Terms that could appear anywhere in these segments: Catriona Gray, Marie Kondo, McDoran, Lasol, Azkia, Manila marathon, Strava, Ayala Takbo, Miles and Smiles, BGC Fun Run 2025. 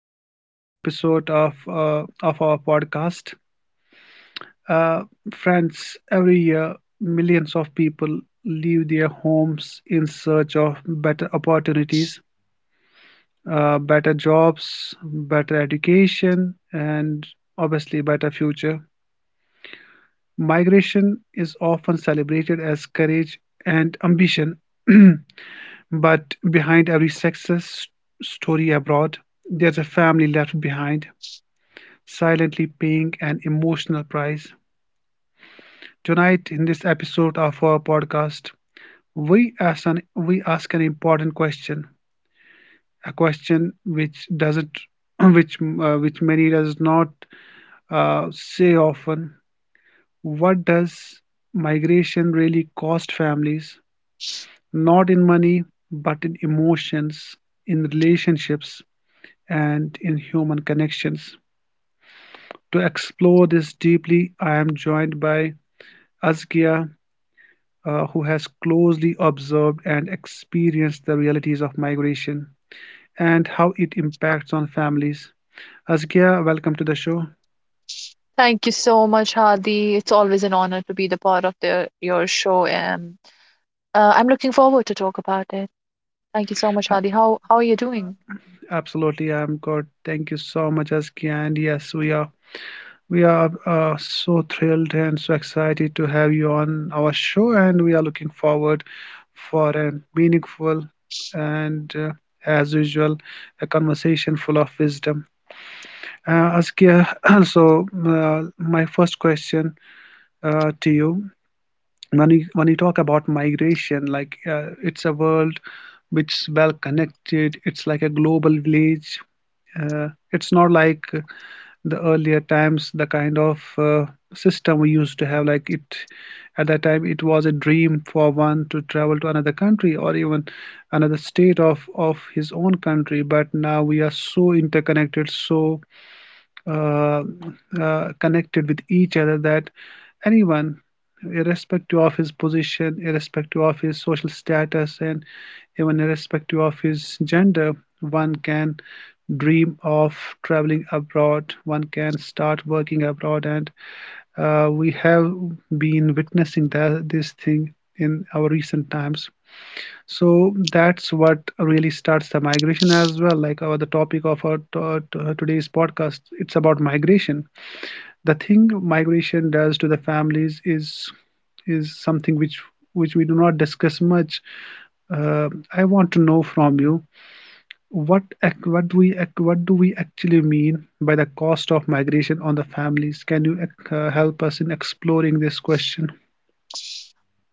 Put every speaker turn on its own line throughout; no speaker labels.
to yet another episode of our podcast. Uh, friends, every year millions of people leave their homes in search of better opportunities, better jobs, better education and obviously better future. Migration is often celebrated as courage and ambition, but behind every success story abroad, there's a family left behind silently paying an emotional price. Tonight, in this episode of our podcast, we ask an important question, a question which doesn't which many does not say often. What does migration really cost families? Not in money, but in emotions, in relationships, and in human connections. To explore this deeply, I am joined by Azkia, who has closely observed and experienced the realities of migration and how it impacts on families. Azkia, welcome to the show.
Thank you so much, Hadi. It's always an honor to be the part of your show, and I'm looking forward to talk about it. Thank you so much,
Uh,
Hadi. How are you doing?
absolutely, I'm good. Thank you so much, Azkia. And yes, we are so thrilled and so excited to have you on our show, and we are looking forward for a meaningful and as usual a conversation full of wisdom. Azkia, so my first question to you. When you talk about migration, like it's a world which is well connected. It's like a global village. It's not like the earlier times, the kind of system we used to have. Like it at that time, it was a dream for one to travel to another country or even another state of his own country. But now we are so interconnected, so uh, connected with each other that anyone irrespective of his position, irrespective of his social status, and even irrespective of his gender, one can dream of traveling abroad, one can start working abroad, and we have been witnessing that, this thing in our recent times. So that's what really starts the migration as well. Like our the topic of our today's podcast, it's about migration. The thing migration does to the families is something which we do not discuss much. I want to know from you what do we actually mean by the cost of migration on the families? Can you help us in exploring this question?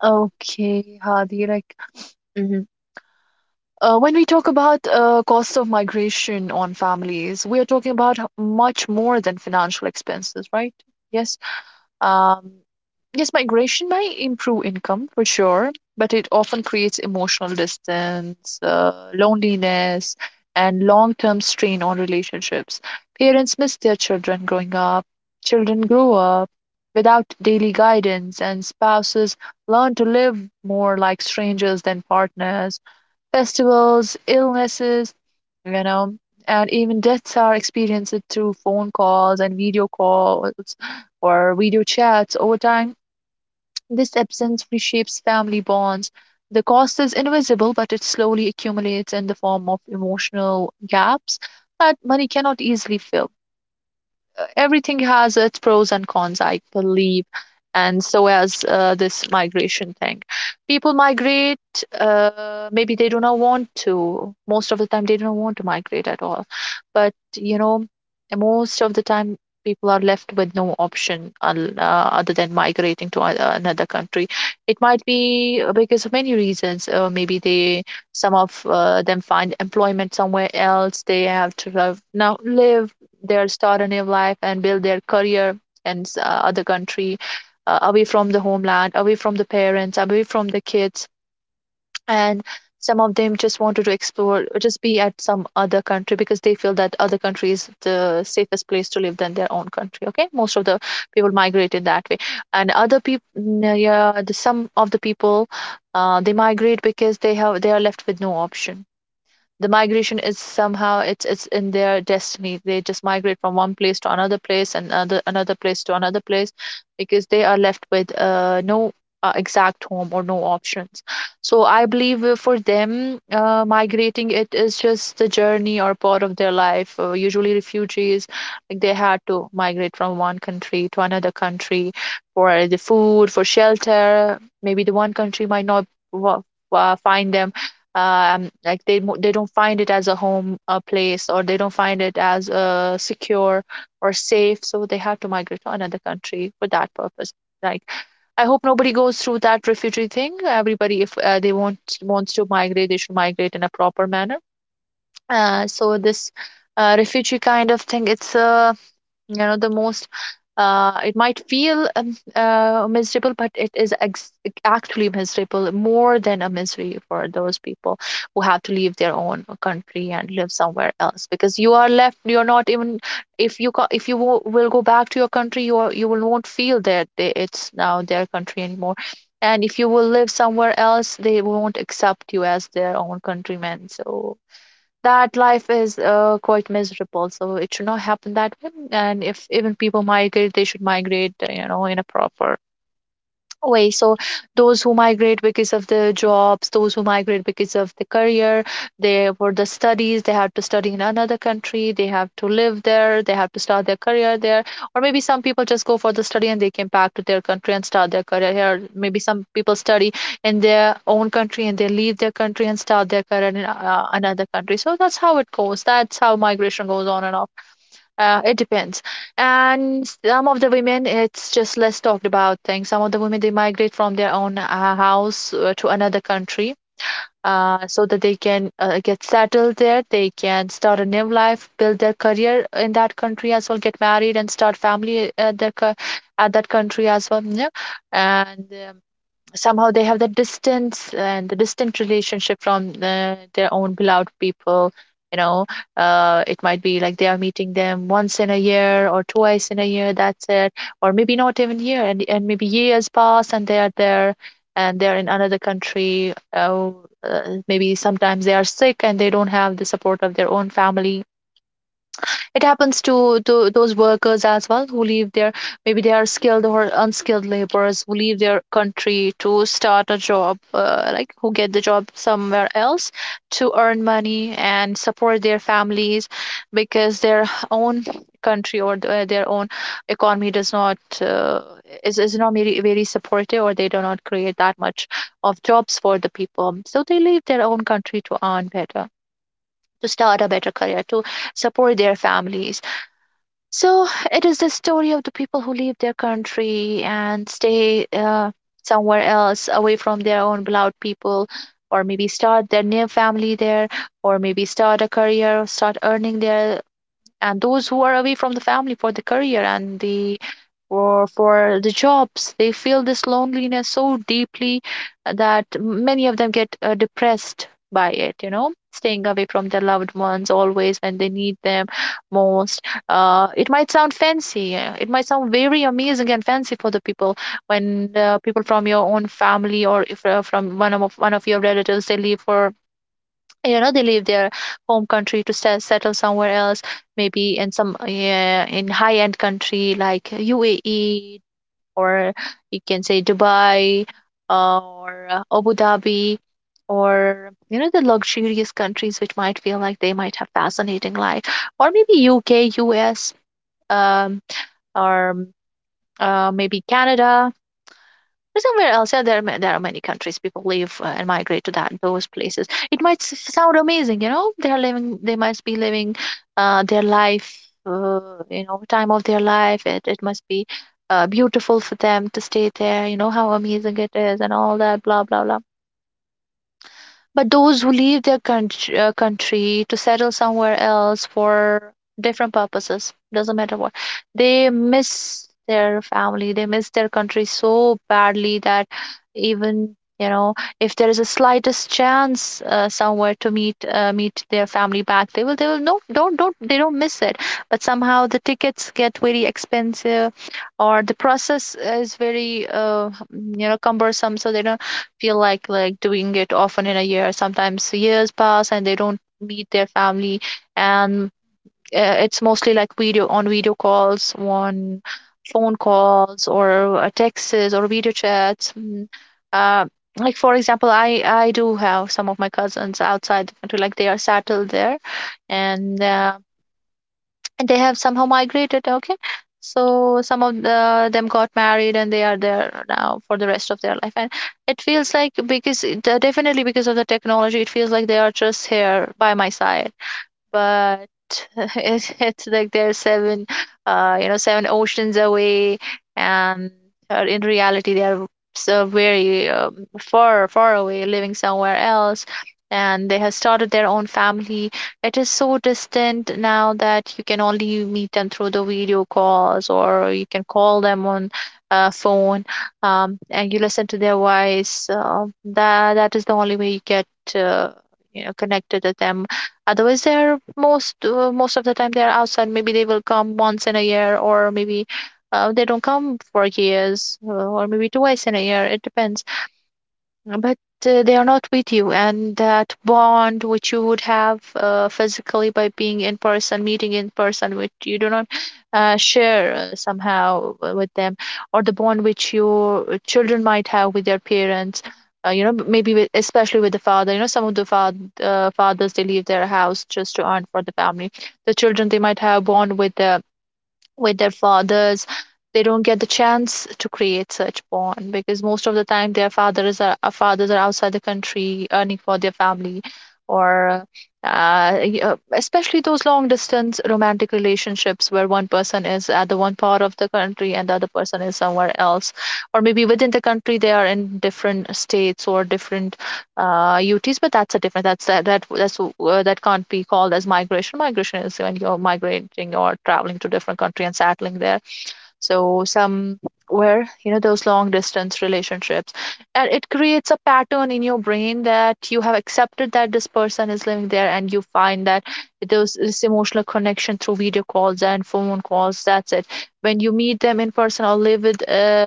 Okay, Hadi. Like, mhm, when we talk about cost of migration on families, we are talking about much more than financial expenses, right? Yes. Um, yes, migration might improve income for sure, but it often creates emotional distance, loneliness, and long term strain on relationships. Parents miss their children growing up, children grow up without daily guidance, and spouses learn to live more like strangers than partners. Festivals, illnesses, you know, and even deaths are experienced through phone calls and video calls or video chats over time. This absence reshapes family bonds. The cost is invisible, but it slowly accumulates in the form of emotional gaps that money cannot easily fill. Everything has its pros and cons, I believe, and so as this migration thing. People migrate, maybe they do not want to. Most of the time, they don't want to migrate at all. But, you know, most of the time, people are left with no option other than migrating to another country. It might be because of many reasons. Maybe they some of them find employment somewhere else. They have to live, now live their start a new life and build their career in other country, away from the homeland, away from the parents, away from the kids. And some of them just wanted to explore, just be at some other country because they feel that other country is the safest place to live than their own country. Okay, most of the people migrated that way. And other people, yeah, some of the people, they migrate because they are left with no option. The migration is somehow, it's in their destiny. They just migrate from one place to another place, and another place to another place, because they are left with no exact home or no options. So I believe, for them, migrating it is just the journey or part of their life. Usually refugees, like they had to migrate from one country to another country for the food, for shelter. Maybe the one country might not wa- find them. Like they they don't find it as a home place, or they don't find it as secure or safe, so they have to migrate to another country for that purpose. Like, I hope nobody goes through that refugee thing. Everybody, if they want wants to migrate, they should migrate in a proper manner. So this refugee kind of thing, it's a, you know, the most it might feel miserable, but it is actually miserable, more than a misery, for those people who have to leave their own country and live somewhere else. Because you are left, you're not even, if you will go back to your country, you are, you will won't feel that it's now their country anymore. And if you will live somewhere else, they won't accept you as their own countrymen, so that life is quite miserable. So it should not happen that way, and if even people migrate, they should migrate, you know, in a proper way. So those who migrate because of the jobs, those who migrate because of the career, they for the studies, they have to study in another country, they have to live there, they have to start their career there. Or maybe some people just go for the study and they came back to their country and start their career here. Maybe some people study in their own country and they leave their country and start their career in another country. So that's how it goes. That's how migration goes on and on. It depends. And some of the women, it's just less talked about thing. Some of the women, they migrate from their own house to another country so that they can get settled there. They can start a new life, build their career in that country as well, get married and start family at that country as well. Yeah. And somehow they have that distance and the distant relationship from their own beloved people, you know. It might be like they are meeting them once in a year or twice in a year, that's it. Or maybe not even year, and maybe years pass and they are there, and they're in another country, maybe sometimes they are sick and they don't have the support of their own family. It happens to, those workers as well, who leave their, maybe they are skilled or unskilled laborers who leave their country to start a job, like who get the job somewhere else, to earn money and support their families. Because their own country or their own economy does not is not very, very supportive, or they do not create that much of jobs for the people, so they leave their own country to earn better, to start a better career, to support their families. So it is the story of the people who leave their country and stay somewhere else, away from their own beloved people, or maybe start their new family there, or maybe start a career, or start earning there. And those who are away from the family for the career and the for the jobs, they feel this loneliness so deeply that many of them get depressed by it, you know, staying away from their loved ones always when they need them most. It might sound fancy, it might sound very amazing and fancy for the people, when people from your own family, or if, from one of your relatives, they leave for, you know, they leave their home country to settle somewhere else, maybe in some, yeah, in high end country like UAE, or you can say Dubai, or Abu Dhabi, or you know, the luxurious countries which might feel like they might have fascinating life, or maybe UK, US, um, or maybe Canada, or somewhere else. Yeah, there are, there are many countries people live and migrate to, that those places. It might sound amazing, you know. They are living. They must be living their life. You know, time of their life. It must be beautiful for them to stay there. You know how amazing it is and all that. Blah blah blah. But those who leave their country, to settle somewhere else for different purposes, doesn't matter what, they miss their family, they miss their country so badly that, even you know, if there is a slightest chance somewhere to meet, meet their family back, they will no don't don't they don't miss it. But somehow the tickets get very expensive, or the process is very, you know, cumbersome, so they don't feel like doing it often in a year. Sometimes years pass and they don't meet their family, and it's mostly like video calls, on phone calls, or texts, or video chats. Mm. Uh, like for example, I do have some of my cousins outside the country, like they are settled there, and uh, and they have somehow migrated. Okay, so some of them got married and they are there now for the rest of their life. And it feels like, because definitely because of the technology, it feels like they are just here by my side, but it's like they're seven, you know, seven oceans away, and in reality they are so very far, far away, living somewhere else, and they have started their own family. It is so distant now that you can only meet them through the video calls, or you can call them on. Phone, and you listen to their voice, that that is the only way you get uh, you know, connected with them. Otherwise they are most, most of the time they are outside. Maybe they will come once in a year, or maybe they don't come for years, or maybe twice in a year, it depends. But they are not with you, and that bond which you would have physically, by being in person, meeting in person, which you do not share somehow with them, or the bond which your children might have with their parents. B- maybe with, especially with the father. Some of the fathers they leave their house just to earn for the family. The children they might have bond with the with their fathers. They don't get the chance to create such bond because most of the time their fathers are fathers are outside the country earning for their family. Or especially those long distance romantic relationships where one person is at the one part of the country and the other person is somewhere else, or maybe within the country they are in different states or different UTs, but that's a different. That's that that that's That can't be called as migration. Migration is when you're migrating or traveling to different country and settling there. So somewhere, you know, those long distance relationships, and it creates a pattern in your brain that you have accepted that this person is living there, and you find that those this emotional connection through video calls and phone calls, that's it. When you meet them in person or live with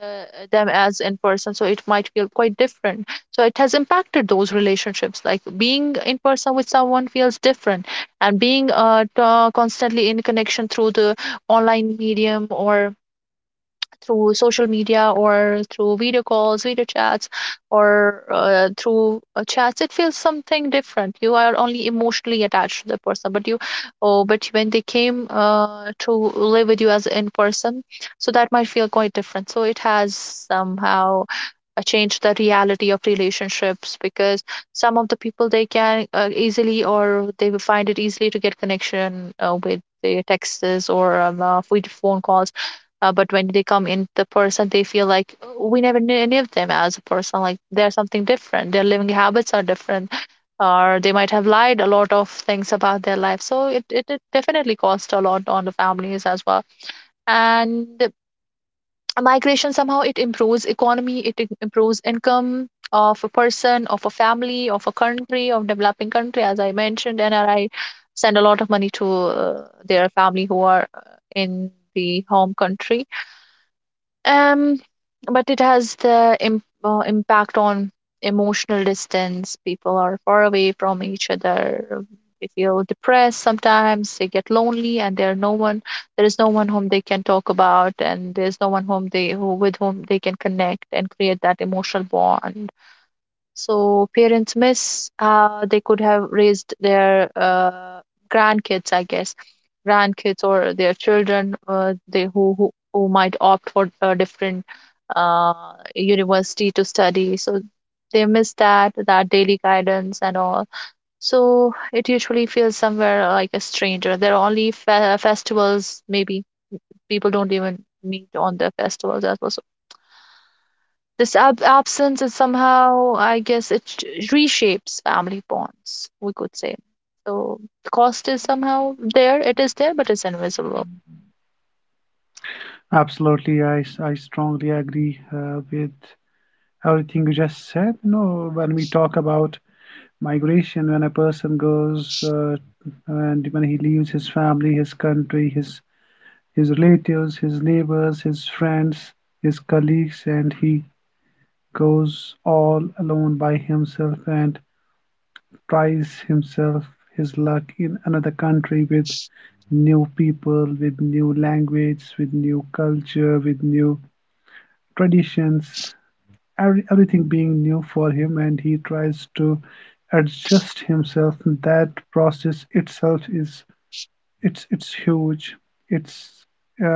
them as in person, so it might feel quite different. So it has impacted those relationships, like being in person with someone feels different, and being constantly in connection through the online medium, or through social media, or through video calls, video chats, or through chats, it feels something different. You are only emotionally attached to the person, but you, oh, but when they came to live with you as in person, so that might feel quite different. So it has somehow change the reality of relationships, because some of the people they can easily, or they will find it easily to get connection with their texts, or with phone calls, but when they come in the person, they feel like, "Oh, we never knew any of them as a person, like they're something different, their living habits are different, or they might have lied a lot of things about their life." So it definitely cost a lot on the families as well. And migration somehow it improves economy, it improves income of a person, of a family, of a country, of developing country, as I mentioned. And I send a lot of money to their family who are in the home country. um, but it has the impact on emotional distance. People are far away from each other. They feel depressed sometimes. They get lonely, and there are no one. There is no one whom they can talk about, and there's no one whom they who with whom they can connect and create that emotional bond. So parents miss how they could have raised their grandkids, I guess, grandkids or their children, they who, who might opt for a different university to study. So they miss that that daily guidance and all. So it usually feels somewhere like a stranger. There are only festivals, maybe people don't even meet on the festivals as well. This absence is somehow, I guess, it reshapes family bonds, we could say. So the cost is somehow there, it is there, but it's invisible.
Absolutely, I strongly agree with everything you just said. You know, when we talk about migration, when a person goes and when he leaves his family, his country, his relatives, his neighbors, his friends, his colleagues, and he goes all alone by himself and tries himself his luck in another country with new people, with new language, with new culture, with new traditions, everything being new for him, and he tries to adjust himself. That process itself is it's huge. It's uh,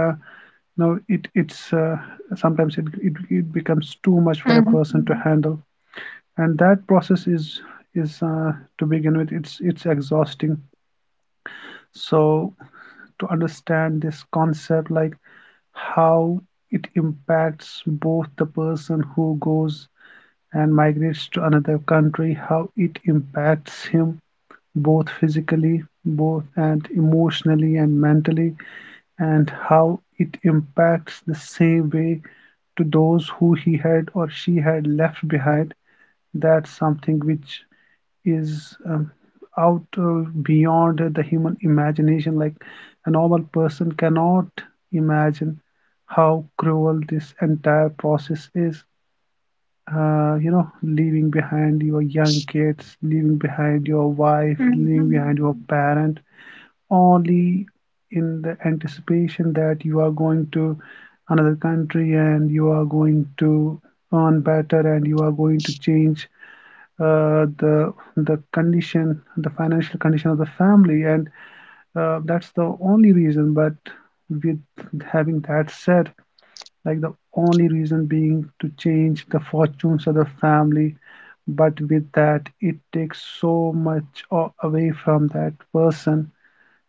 no it it's Sometimes it, it becomes too much for a
Mm-hmm.
person to handle, and that process is is uh, to begin with it's exhausting. So to understand this concept, like how it impacts both the person who goes and migrates to another country, how it impacts him both physically, both and emotionally and mentally, and how it impacts the same way to those who he had or she had left behind. That's something which is out beyond the human imagination. Like a normal person cannot imagine how cruel this entire process is. You know, leaving behind your young kids, leaving behind your wife, leaving
Mm-hmm.
behind your parent, only in the anticipation that you are going to another country and you are going to earn better and you are going to change the the condition, the financial condition of the family, and that's the only reason. But with having that said, like the only reason being to change the fortunes of the family. But with that, it takes so much away from that person,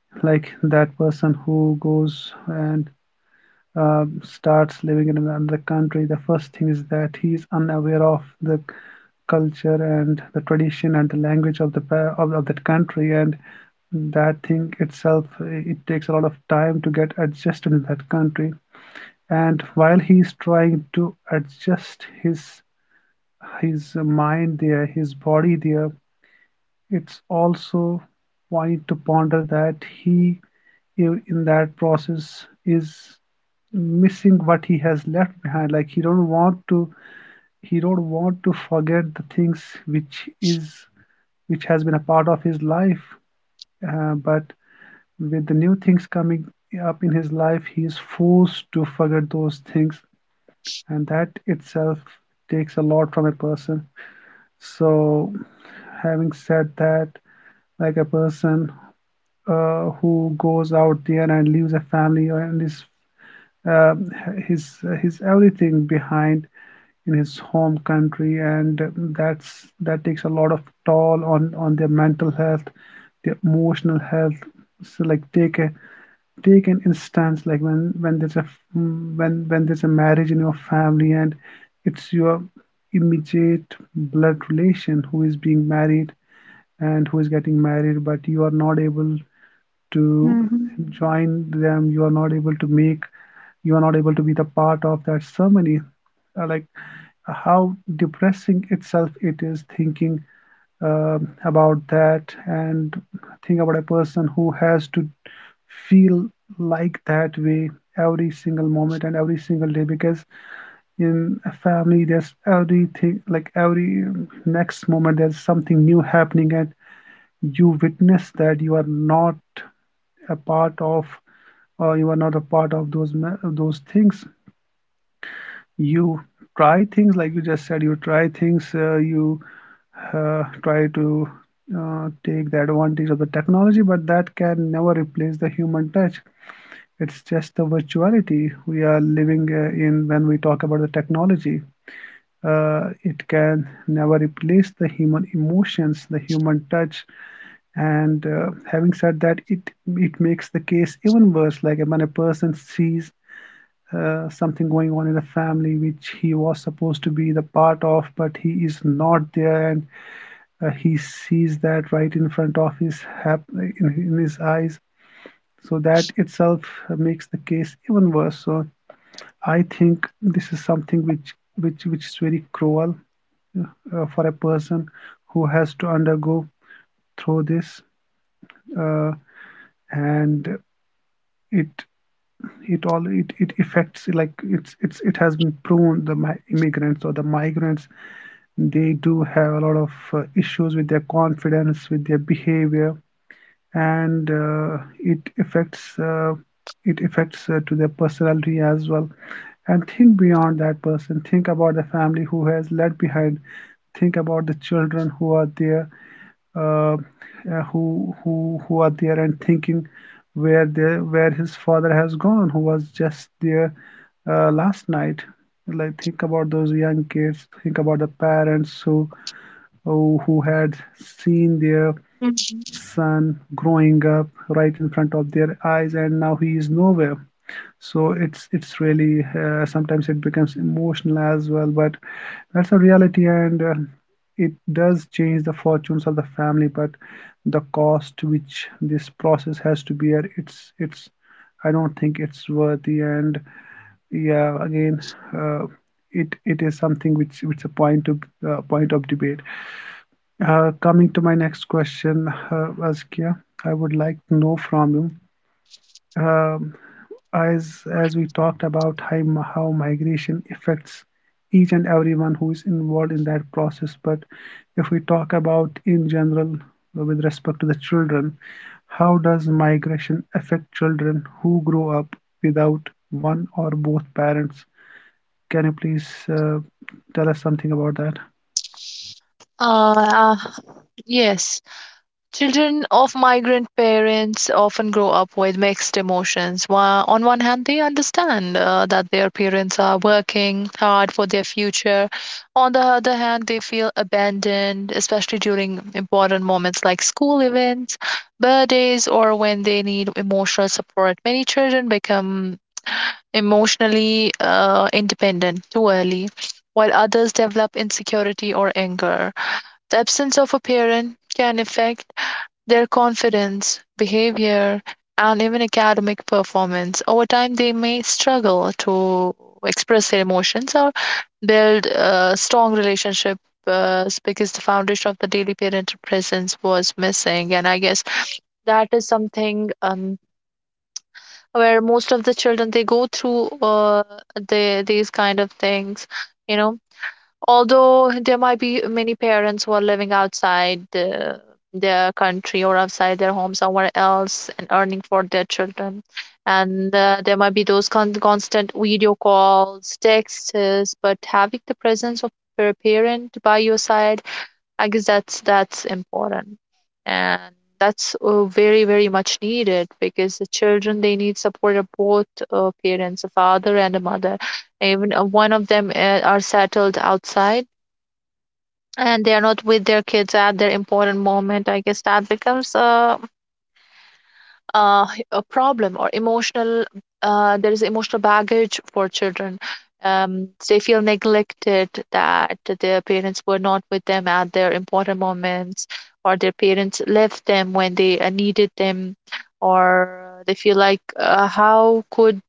like that person who goes and starts living in another country. The first thing is that he is unaware of the culture and the tradition and the language of the of that country, and that thing itself it takes a lot of time to get adjusted in that country. And while he is trying to adjust his mind there, his body there, it's also point to ponder that he in that process is missing what he has left behind. Like he don't want to forget the things which is which has been a part of his life. But with the new things coming up in his life, he is forced to forget those things, and that itself takes a lot from a person. So having said that, like a person who goes out there and leaves a family and his uh, his everything behind in his home country, and that takes a lot of toll on their mental health, their emotional health. So like take an instance, like when there's a marriage in your family and it's your immediate blood relation who is being married and who is getting married, but you are not able to
Mhm.
join them, you are not able to make, you are not able to be the part of that ceremony. Like how depressing itself it is thinking about that. And think about a person who has to feel like that way every single moment and every single day, because in a family there's everything, like every next moment there's something new happening, and you witness that you are not a part of, or you are not a part of those things. You try things, like you just said, you try things, you try to take the advantage of the technology, but that can never replace the human touch. It's just the virtuality we are living in when we talk about the technology. Uh, it can never replace the human emotions, the human touch. And having said that, it makes the case even worse, like when a person sees something going on in the family which he was supposed to be the part of, but he is not there, and he sees that right in front of his in his eyes. So that itself makes the case even worse. So I think this is something which which is very cruel for a person who has to undergo through this, uh, and it it all it affects, like it's it has been proven, the immigrants or the migrants, they do have a lot of issues with their confidence, with their behavior. And it affects to their personality as well. And think beyond that person, think about the family who has left behind, think about the children who are there, uh, who are there and thinking where their where his father has gone, who was just there last night. Like think about those young kids, think about the parents who oh, who had seen their
Mhm.
son growing up right in front of their eyes, and now he is nowhere. So it's really, sometimes it becomes emotional as well, but that's a reality, and it does change the fortunes of the family. But the cost which this process has to bear, it's, I don't think it's worthy. And yeah, again, uh, it it is something which is a point of debate. Coming to my next question, Azkia, I would like to know from you, um, as we talked about how, how migration affects each and everyone who is involved in that process, but if we talk about in general with respect to the children, how does migration affect children who grow up without one or both parents? Can you please tell us something about that?
Uh, uh, yes. Children of migrant parents often grow up with mixed emotions. On one hand, they understand that their parents are working hard for their future. On the other hand, they feel abandoned, especially during important moments like school events, birthdays, or when they need emotional support. Many children become emotionally independent too early, while others develop insecurity or anger. The absence of a parent can affect their confidence, behavior, and even academic performance. Over time, they may struggle to express their emotions or build a strong relationships because the foundation of the daily parental presence was missing. And I guess that is something, where most of the children they go through the, these kind of things, you know. Although there might be many parents who are living outside the, their country, or outside their home somewhere else, and earning for their children. And there might be those constant video calls, texts, but having the presence of a parent by your side, I guess that's important. And that's very, very much needed, because the children, they need support of both parents, a father and a mother. Even one of them are settled outside and they are not with their kids at their important moment, I guess that becomes a, a problem, or emotional, there is emotional baggage for children. They feel neglected that their parents were not with them at their important moments, or their parents left them when they needed them, or they feel like, how could,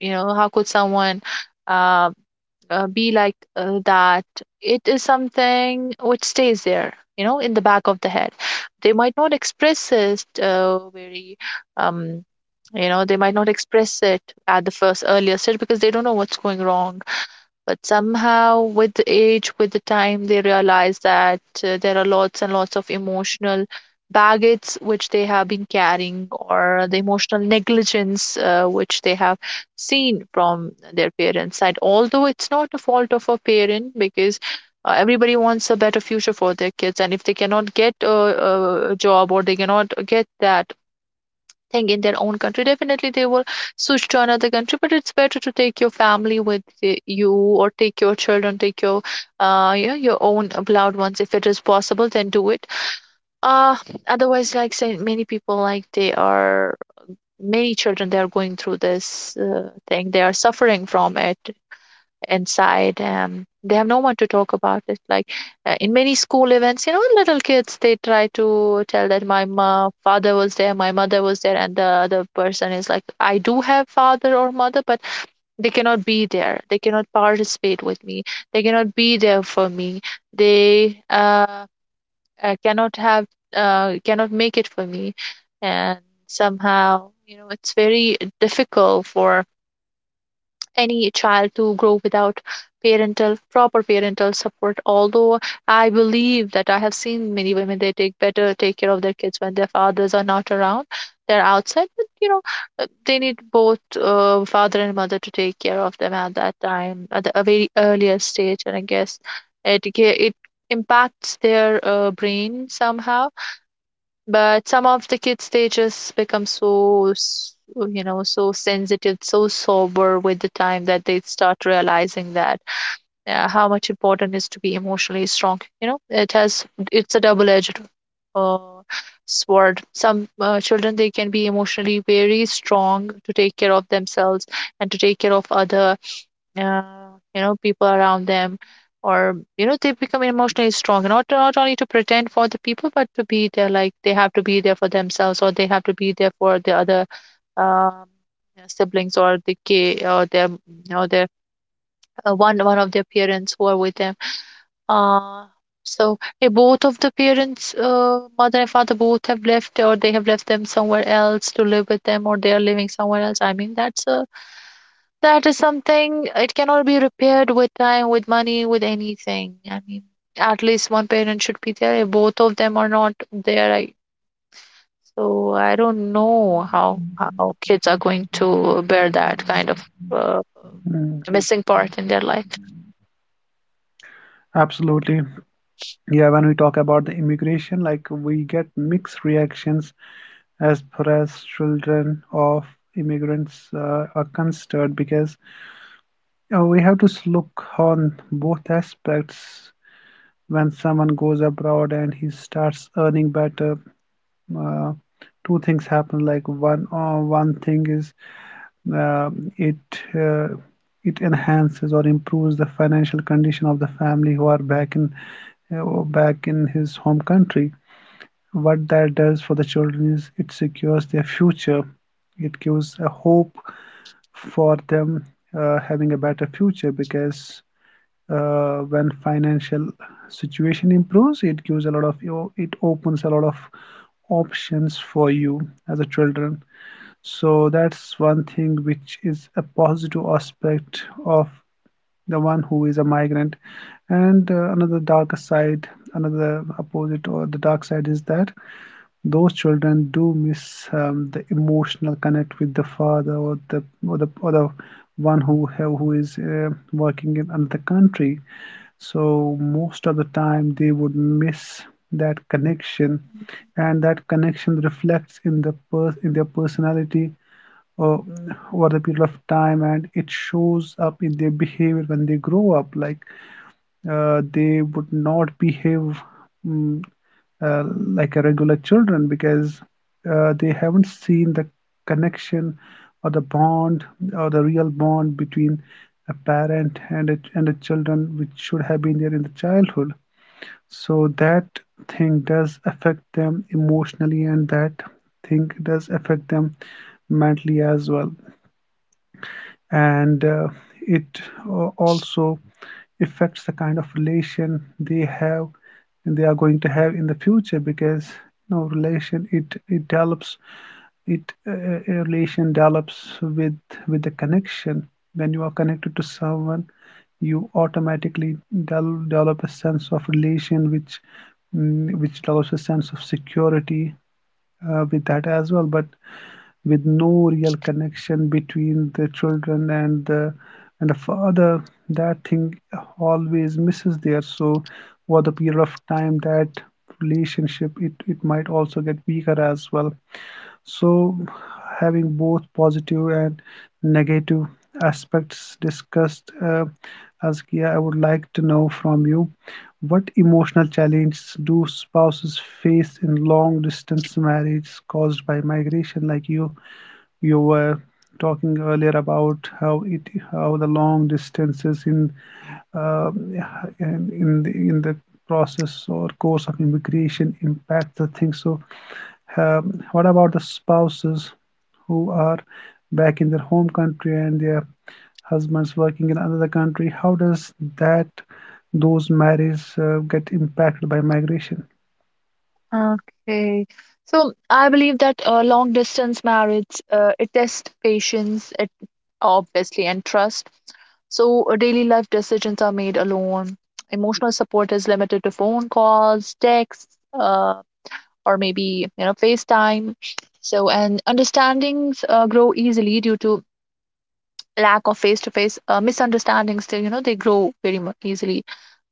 you know, how could someone uh, be like that. It is something which stays there, you know, in the back of the head. They might not express it very um you know, they might not express it at the first earlier stage because they don't know what's going wrong. But somehow, with the age, with the time, they realize that there are lots and lots of emotional baggage which they have been carrying, or the emotional negligence which they have seen from their parents' side. Although it's not a fault of a parent, because everybody wants a better future for their kids, and if they cannot get a job, or they cannot get that thing in their own country, definitely they will switch to another country. But it's better to take your family with you, or take your children, take your you know, your own loved ones, if it is possible then do it. uh Otherwise, like say, many people, like they are, many children they are going through this thing, they are suffering from it inside. They have no one to talk about it. Like in many school events, you know, little kids they try to tell that my father was there, my mother was there, and the other person is like, I do have father or mother, but they cannot be there, they cannot participate with me, they cannot be there for me, they cannot have, cannot make it for me. And somehow, you know, it's very difficult for any child to grow without parental, proper parental support. Although I believe that I have seen many women they take better, take care of their kids when their fathers are not around, they're outside, but you know, they need both father and mother to take care of them at that time, at the, a very earlier stage, and I guess it it impacts their brain somehow. But some of the kids, they just become so, you know, so sensitive, so sober with the time, that they start realizing that how much important is to be emotionally strong. You know, it has, it's a double-edged uh, sword. Some children, they can be emotionally very strong to take care of themselves, and to take care of other, you know, people around them. Or you know, they become emotionally strong, not only to pretend for the people, but to be there, like they have to be there for themselves, or they have to be there for the other, um, their siblings, or the kid, or their one, of their parents who are with them. uh so both of the parents, mother and father both have left, or they have left them somewhere else to live with them, or they are living somewhere else, I mean, that's a, that is something it cannot be repaired with time, with money, with anything. I mean, at least one parent should be there. If both of them are not there, I, so I don't know how kids are going to bear that kind of uh,
Mm,
missing part in their life.
absolutely. Yeah, when we talk about the immigration, like we get mixed reactions as far as children of immigrants are concerned, because you know, we have to look on both aspects. When someone goes abroad and he starts earning better, uh, two things happen. Like one, one thing is it uh, it enhances or improves the financial condition of the family who are back in his home country. What that does for the children is it secures their future. It gives a hope for them having a better future, because when financial situation improves, it gives a lot of, it opens a lot of options for you as a children. So that's one thing which is a positive aspect of the one who is a migrant. And another darker side, another opposite or the dark side is that those children do miss the emotional connect with the father or the one who is working in another country. So most of the time they would miss that connection, and that connection reflects in in their personality uh, over the period of time, and it shows up in their behavior when they grow up. Like they would not behave mm, uh, like a regular children, because they haven't seen the connection or the bond or the real bond between a parent and a children, which should have been there in the childhood. So that thing does affect them emotionally, and that thing does affect them mentally as well. And it also affects the kind of relation they have and they are going to have in the future. Because you know relation it develops. It a relation develops with the connection. When you are connected to someone, you automatically develop a sense of relation, which which develops a sense of security with that as well. But with no real connection between the children and the father, that thing always misses there. So over the period of time, that relationship, it might also get weaker as well. So having both positive and negative aspects discussed, Askia, I would like to know from you, what emotional challenges do spouses face in long distance marriage caused by migration? Like you were talking earlier about how it how the long distances uh, in in the process or course of immigration impact the thing. So, what about the spouses who are back in their home country and their husbands working in another country? How does that, those marriages get impacted by migration?
Okay. So I believe that long distance marriage, it tests patience, it obviously, and trust. So daily life decisions are made alone. Emotional support is limited to phone calls, texts, uh, or maybe you know FaceTime. So and understandings grow easily due to lack of face to face. Misunderstandings, they, you know, they grow very easily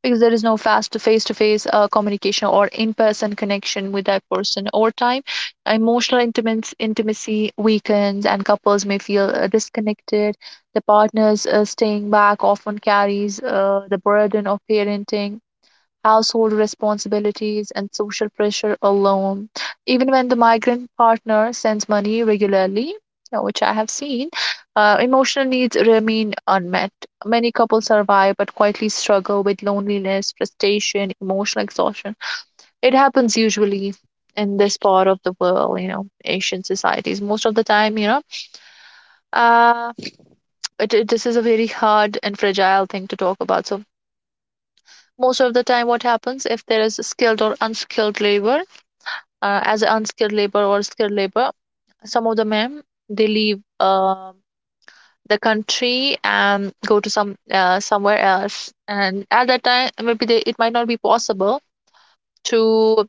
because there is no fast face to face communication or in person connection with that person. Over time emotional intimacy, intimacy weakens, and couples may feel disconnected. The partners staying back often carries the burden of parenting, household responsibilities, and social pressure alone. Even when the migrant partner sends money regularly, which I have seen, emotional needs remain unmet. Many couples survive but quietly struggle with loneliness, frustration, emotional exhaustion. It happens usually in this part of the world, you know, Asian societies. Most of the time, uh, this is a very hard and fragile thing to talk about. So most of the time, what happens if there is skilled or unskilled labor? As unskilled labor or skilled labor. Some of the men, they leave the country and go to some somewhere else, and at that time maybe it might not be possible to,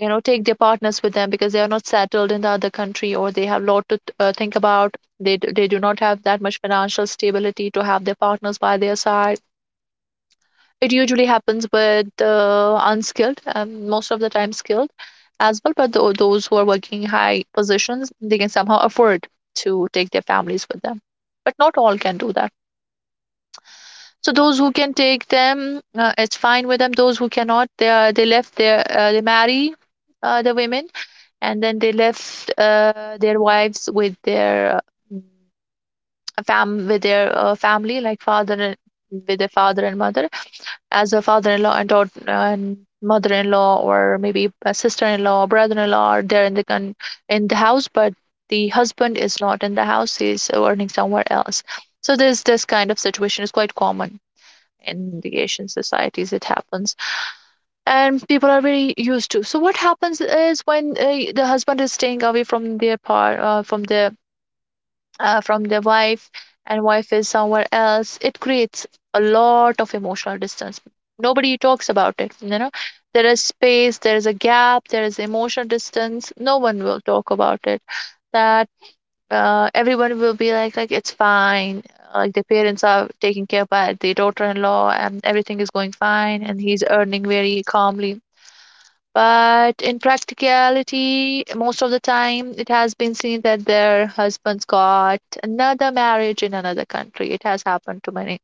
you know, take their partners with them because they are not settled in the other country or they have a lot to think about. They do not have that much financial stability to have their partners by their side. It usually happens with unskilled and most of the time skilled as well. But those who are working in high positions, they can somehow afford to take their families with them. But not all can do that. So those who can take them, it's fine with them. Those who cannot, they left their they marry the women, and then they left their wives with their mm, fam with their family, like father and with their father and mother, as a father-in-law and mother-in-law, or maybe a sister-in-law, brother-in-law, are there in the in the house, but the husband is not in the house. He's earning somewhere else. So this kind of situation is quite common in the Asian societies. It happens, and people are very used to. So what happens is, when the husband is staying away from their par from the from their wife, and wife is somewhere else, it creates a lot of emotional distance. Nobody talks about it, you know. There is space, there is a gap, there is emotional distance. No one will talk about it, that everyone will be like, it's fine, like the parents are taken care by the daughter-in-law and everything is going fine and he's earning very calmly. But in practicality, most of the time, it has been seen that their husbands got another marriage in another country. It has happened to many.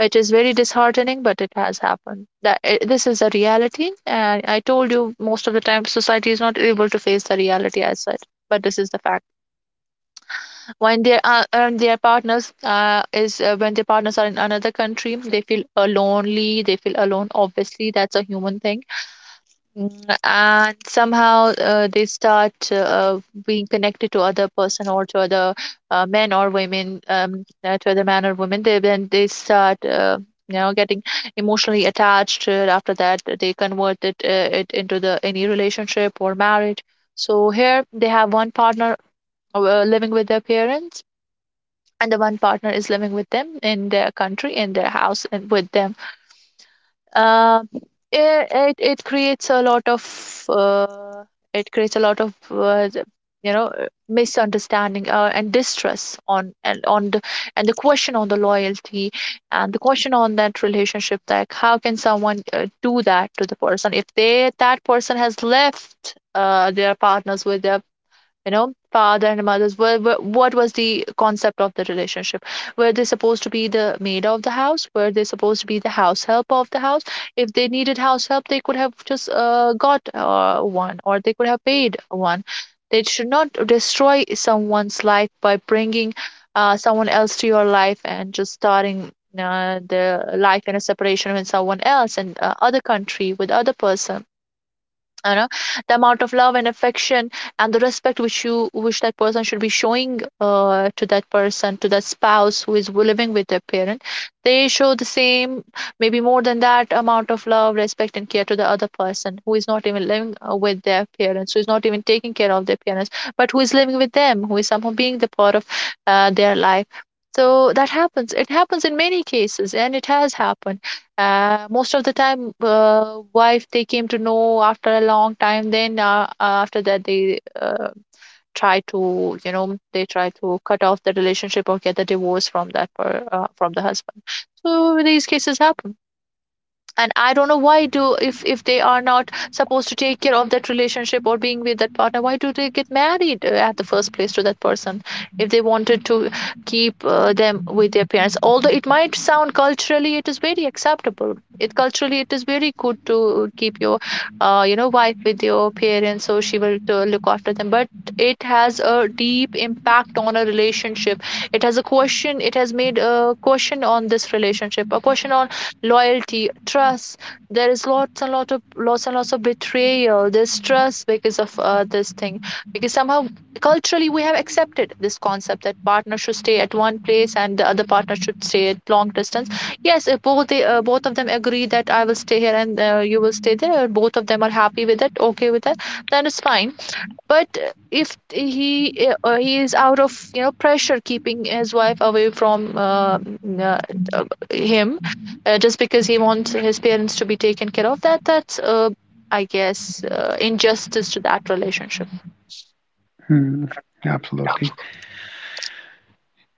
It is very disheartening, but it has happened. That I This is a reality, and I told you, most of the time society is not able to face the reality as such. But this is the fact. When they are when their partners is when their partners are in another country, they feel lonely. They feel alone. Obviously, that's a human thing. Mm, and somehow they start being connected to other person or to other men or women to other men or women. They then they start, you know, getting emotionally attached. After that, they convert it into the any relationship or marriage. So here they have one partner living with their parents, and the one partner is living with them in their country, in their house, and with them. uh, it creates a lot of it creates a lot of uh, you know, misunderstanding and distrust on the, and the question on the loyalty, and the question on that relationship, like how can someone do that to the person, if they that person has left their partners with their, you know, father and mother's what was the concept of the relationship? Were they supposed to be the maid of the house? Were they supposed to be the house help of the house? If they needed house help, they could have just got one, or they could have paid one. They should not destroy someone's life by bringing someone else to your life and just starting the life in a separation with someone else and other country with other person, you know. The amount of love and affection and the respect which you wish that person should be showing to that spouse who is living with their parent, they show the same, maybe more than that, amount of love, respect, and care to the other person, who is not even living with their parents, who is not even taking care of their parents, but who is living with them, who is somehow being the part of their life. So that happens. It happens in many cases, and it has happened. Most of the time, wife, they came to know after a long time. Then after that, they try to, you know, they try to cut off the relationship or get the divorce from that from the husband. So these cases happen, and I don't know why do, if they are not supposed to take care of that relationship or being with that partner, why do they get married at the first place to that person? If they wanted to keep them with their parents, although it might sound culturally it is very acceptable, it culturally it is very good to keep your you know, wife with your parents so she will to look after them, but it has a deep impact on a relationship. It has made a question on this relationship, a question on loyalty, trust. There is lots and lot of Lots and lots of betrayal. There's trust because of this thing, because somehow culturally we have accepted this concept, that partner should stay at one place and the other partner should stay at long distance. Yes, if both of them agree that I will stay here and you will stay there, both of them are happy with it, okay with it, then it's fine. But if he is out of, you know, pressure, keeping his wife away from uh, him, just because he wants his parents to be taken care of, that's I guess injustice to that relationship.
Hmm, absolutely.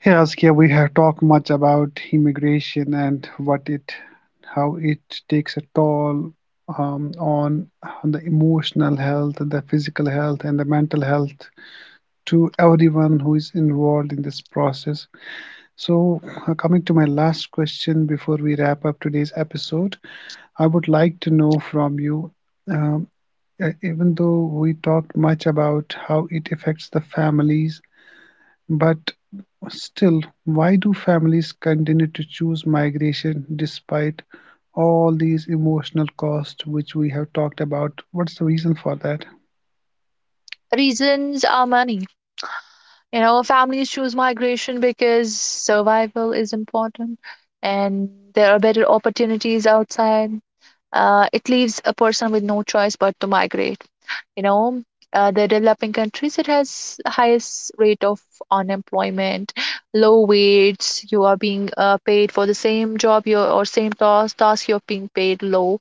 Hey Saskia, we have talked much about immigration and what it, how it takes a toll um, on, on the emotional health, the physical health, and the mental health, to everyone who is involved in this process. So, coming to my last question before we wrap up today's episode, I would like to know from you, um, even though we talked much about how it affects the families, but still, why do families continue to choose migration despite all these emotional costs which we have talked about? What's the reason for that?
Reasons are money. You know, families choose migration because survival is important, and there are better opportunities outside. It leaves a person with no choice but to migrate. You know, the developing countries, it has highest rate of unemployment, low wages. You are being paid for the same job, you, or same task you're being paid low.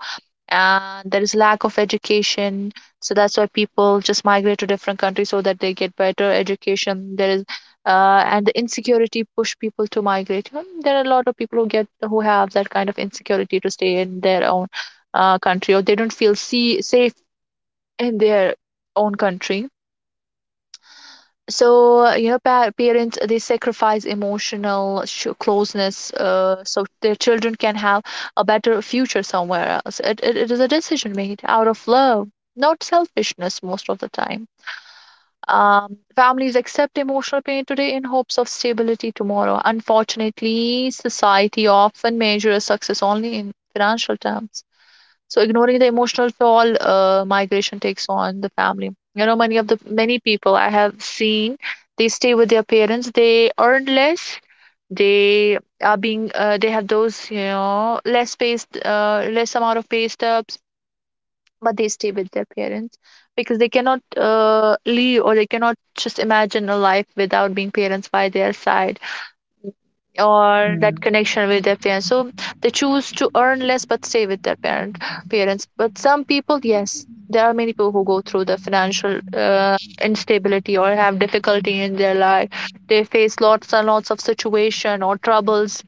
And there is lack of education, so that's why people just migrate to different countries so that they get better education. There is and the insecurity push people to migrate. You know, there are a lot of people who get who have that kind of insecurity to stay in their own country, or they don't feel safe in their own country. So, you know, parents, they sacrifice emotional closeness, so their children can have a better future somewhere else. It is a decision made out of love, not selfishness, most of the time. Um, families accept emotional pain today in hopes of stability tomorrow. Unfortunately, society often measures success only in financial terms, so ignoring the emotional toll migration takes on the family. You know, many of the many people I have seen, they stay with their parents. They earn less. They are being they have those, you know, less pay, less amount of pay stubs, but they stay with their parents, because they cannot leave, or they cannot just imagine a life without being parents by their side or that
Mm,
connection with their parents. So they choose to earn less but stay with their parents. But some people, yes, there are many people who go through the financial instability or have difficulty in their life. They face lots and lots of situation or troubles,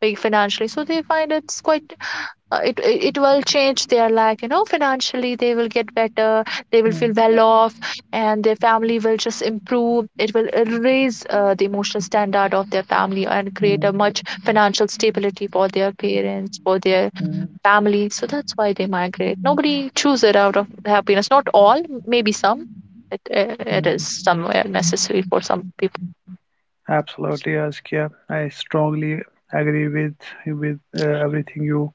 like financially. So they find it's quite it will change their life. You know, financially, they will get better, they will feel
mm,
well off, and their family will just improve. It will raise the emotional standard of their family and create a
mm,
much financial stability for their parents, for their
mm,
family. So that's why they migrate. Nobody choose it out of happiness. Not all, maybe some. It is
mm.
somewhere necessary for some people.
Absolutely, Askia. I strongly agree with everything you,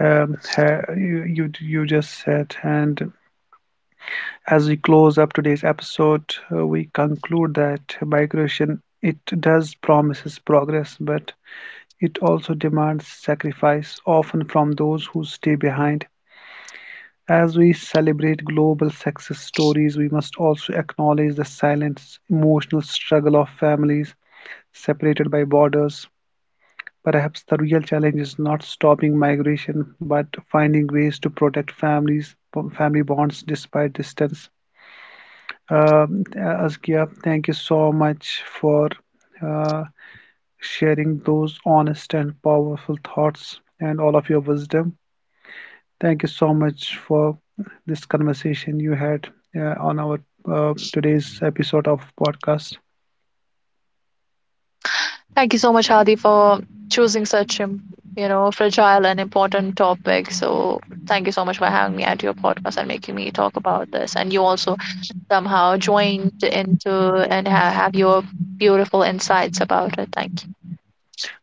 ha you you you just said. And as we close up today's episode, we conclude that migration, it does promises progress, but it also demands sacrifice, often from those who stay behind. As we celebrate global success stories, we must also acknowledge the silent emotional struggle of families separated by borders. Perhaps the real challenge is not stopping migration, but finding ways to protect families, family bonds despite distance. Uh, Azkia, thank you so much for uh, sharing those honest and powerful thoughts and all of your wisdom. Thank you so much for this conversation you had on our today's episode of podcast.
Thank you so much, Hadi, for choosing such a, you know, fragile and important topic. So thank you so much for having me at your podcast and making me talk about this. And you also somehow joined into and have your beautiful insights about it. Thank you.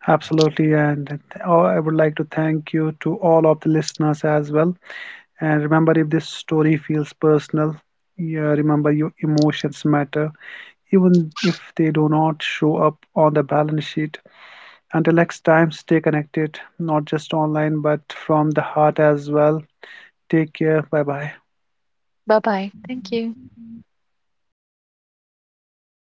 Absolutely, and oh, I would like to thank you to all of the listeners as well. And remember, if this story feels personal, yeah, remember your emotions matter, even if they do not show up on the balance sheet. Until next time, stay connected, not just online, but from the heart as well. Take care. Bye bye.
Bye bye. Thank you.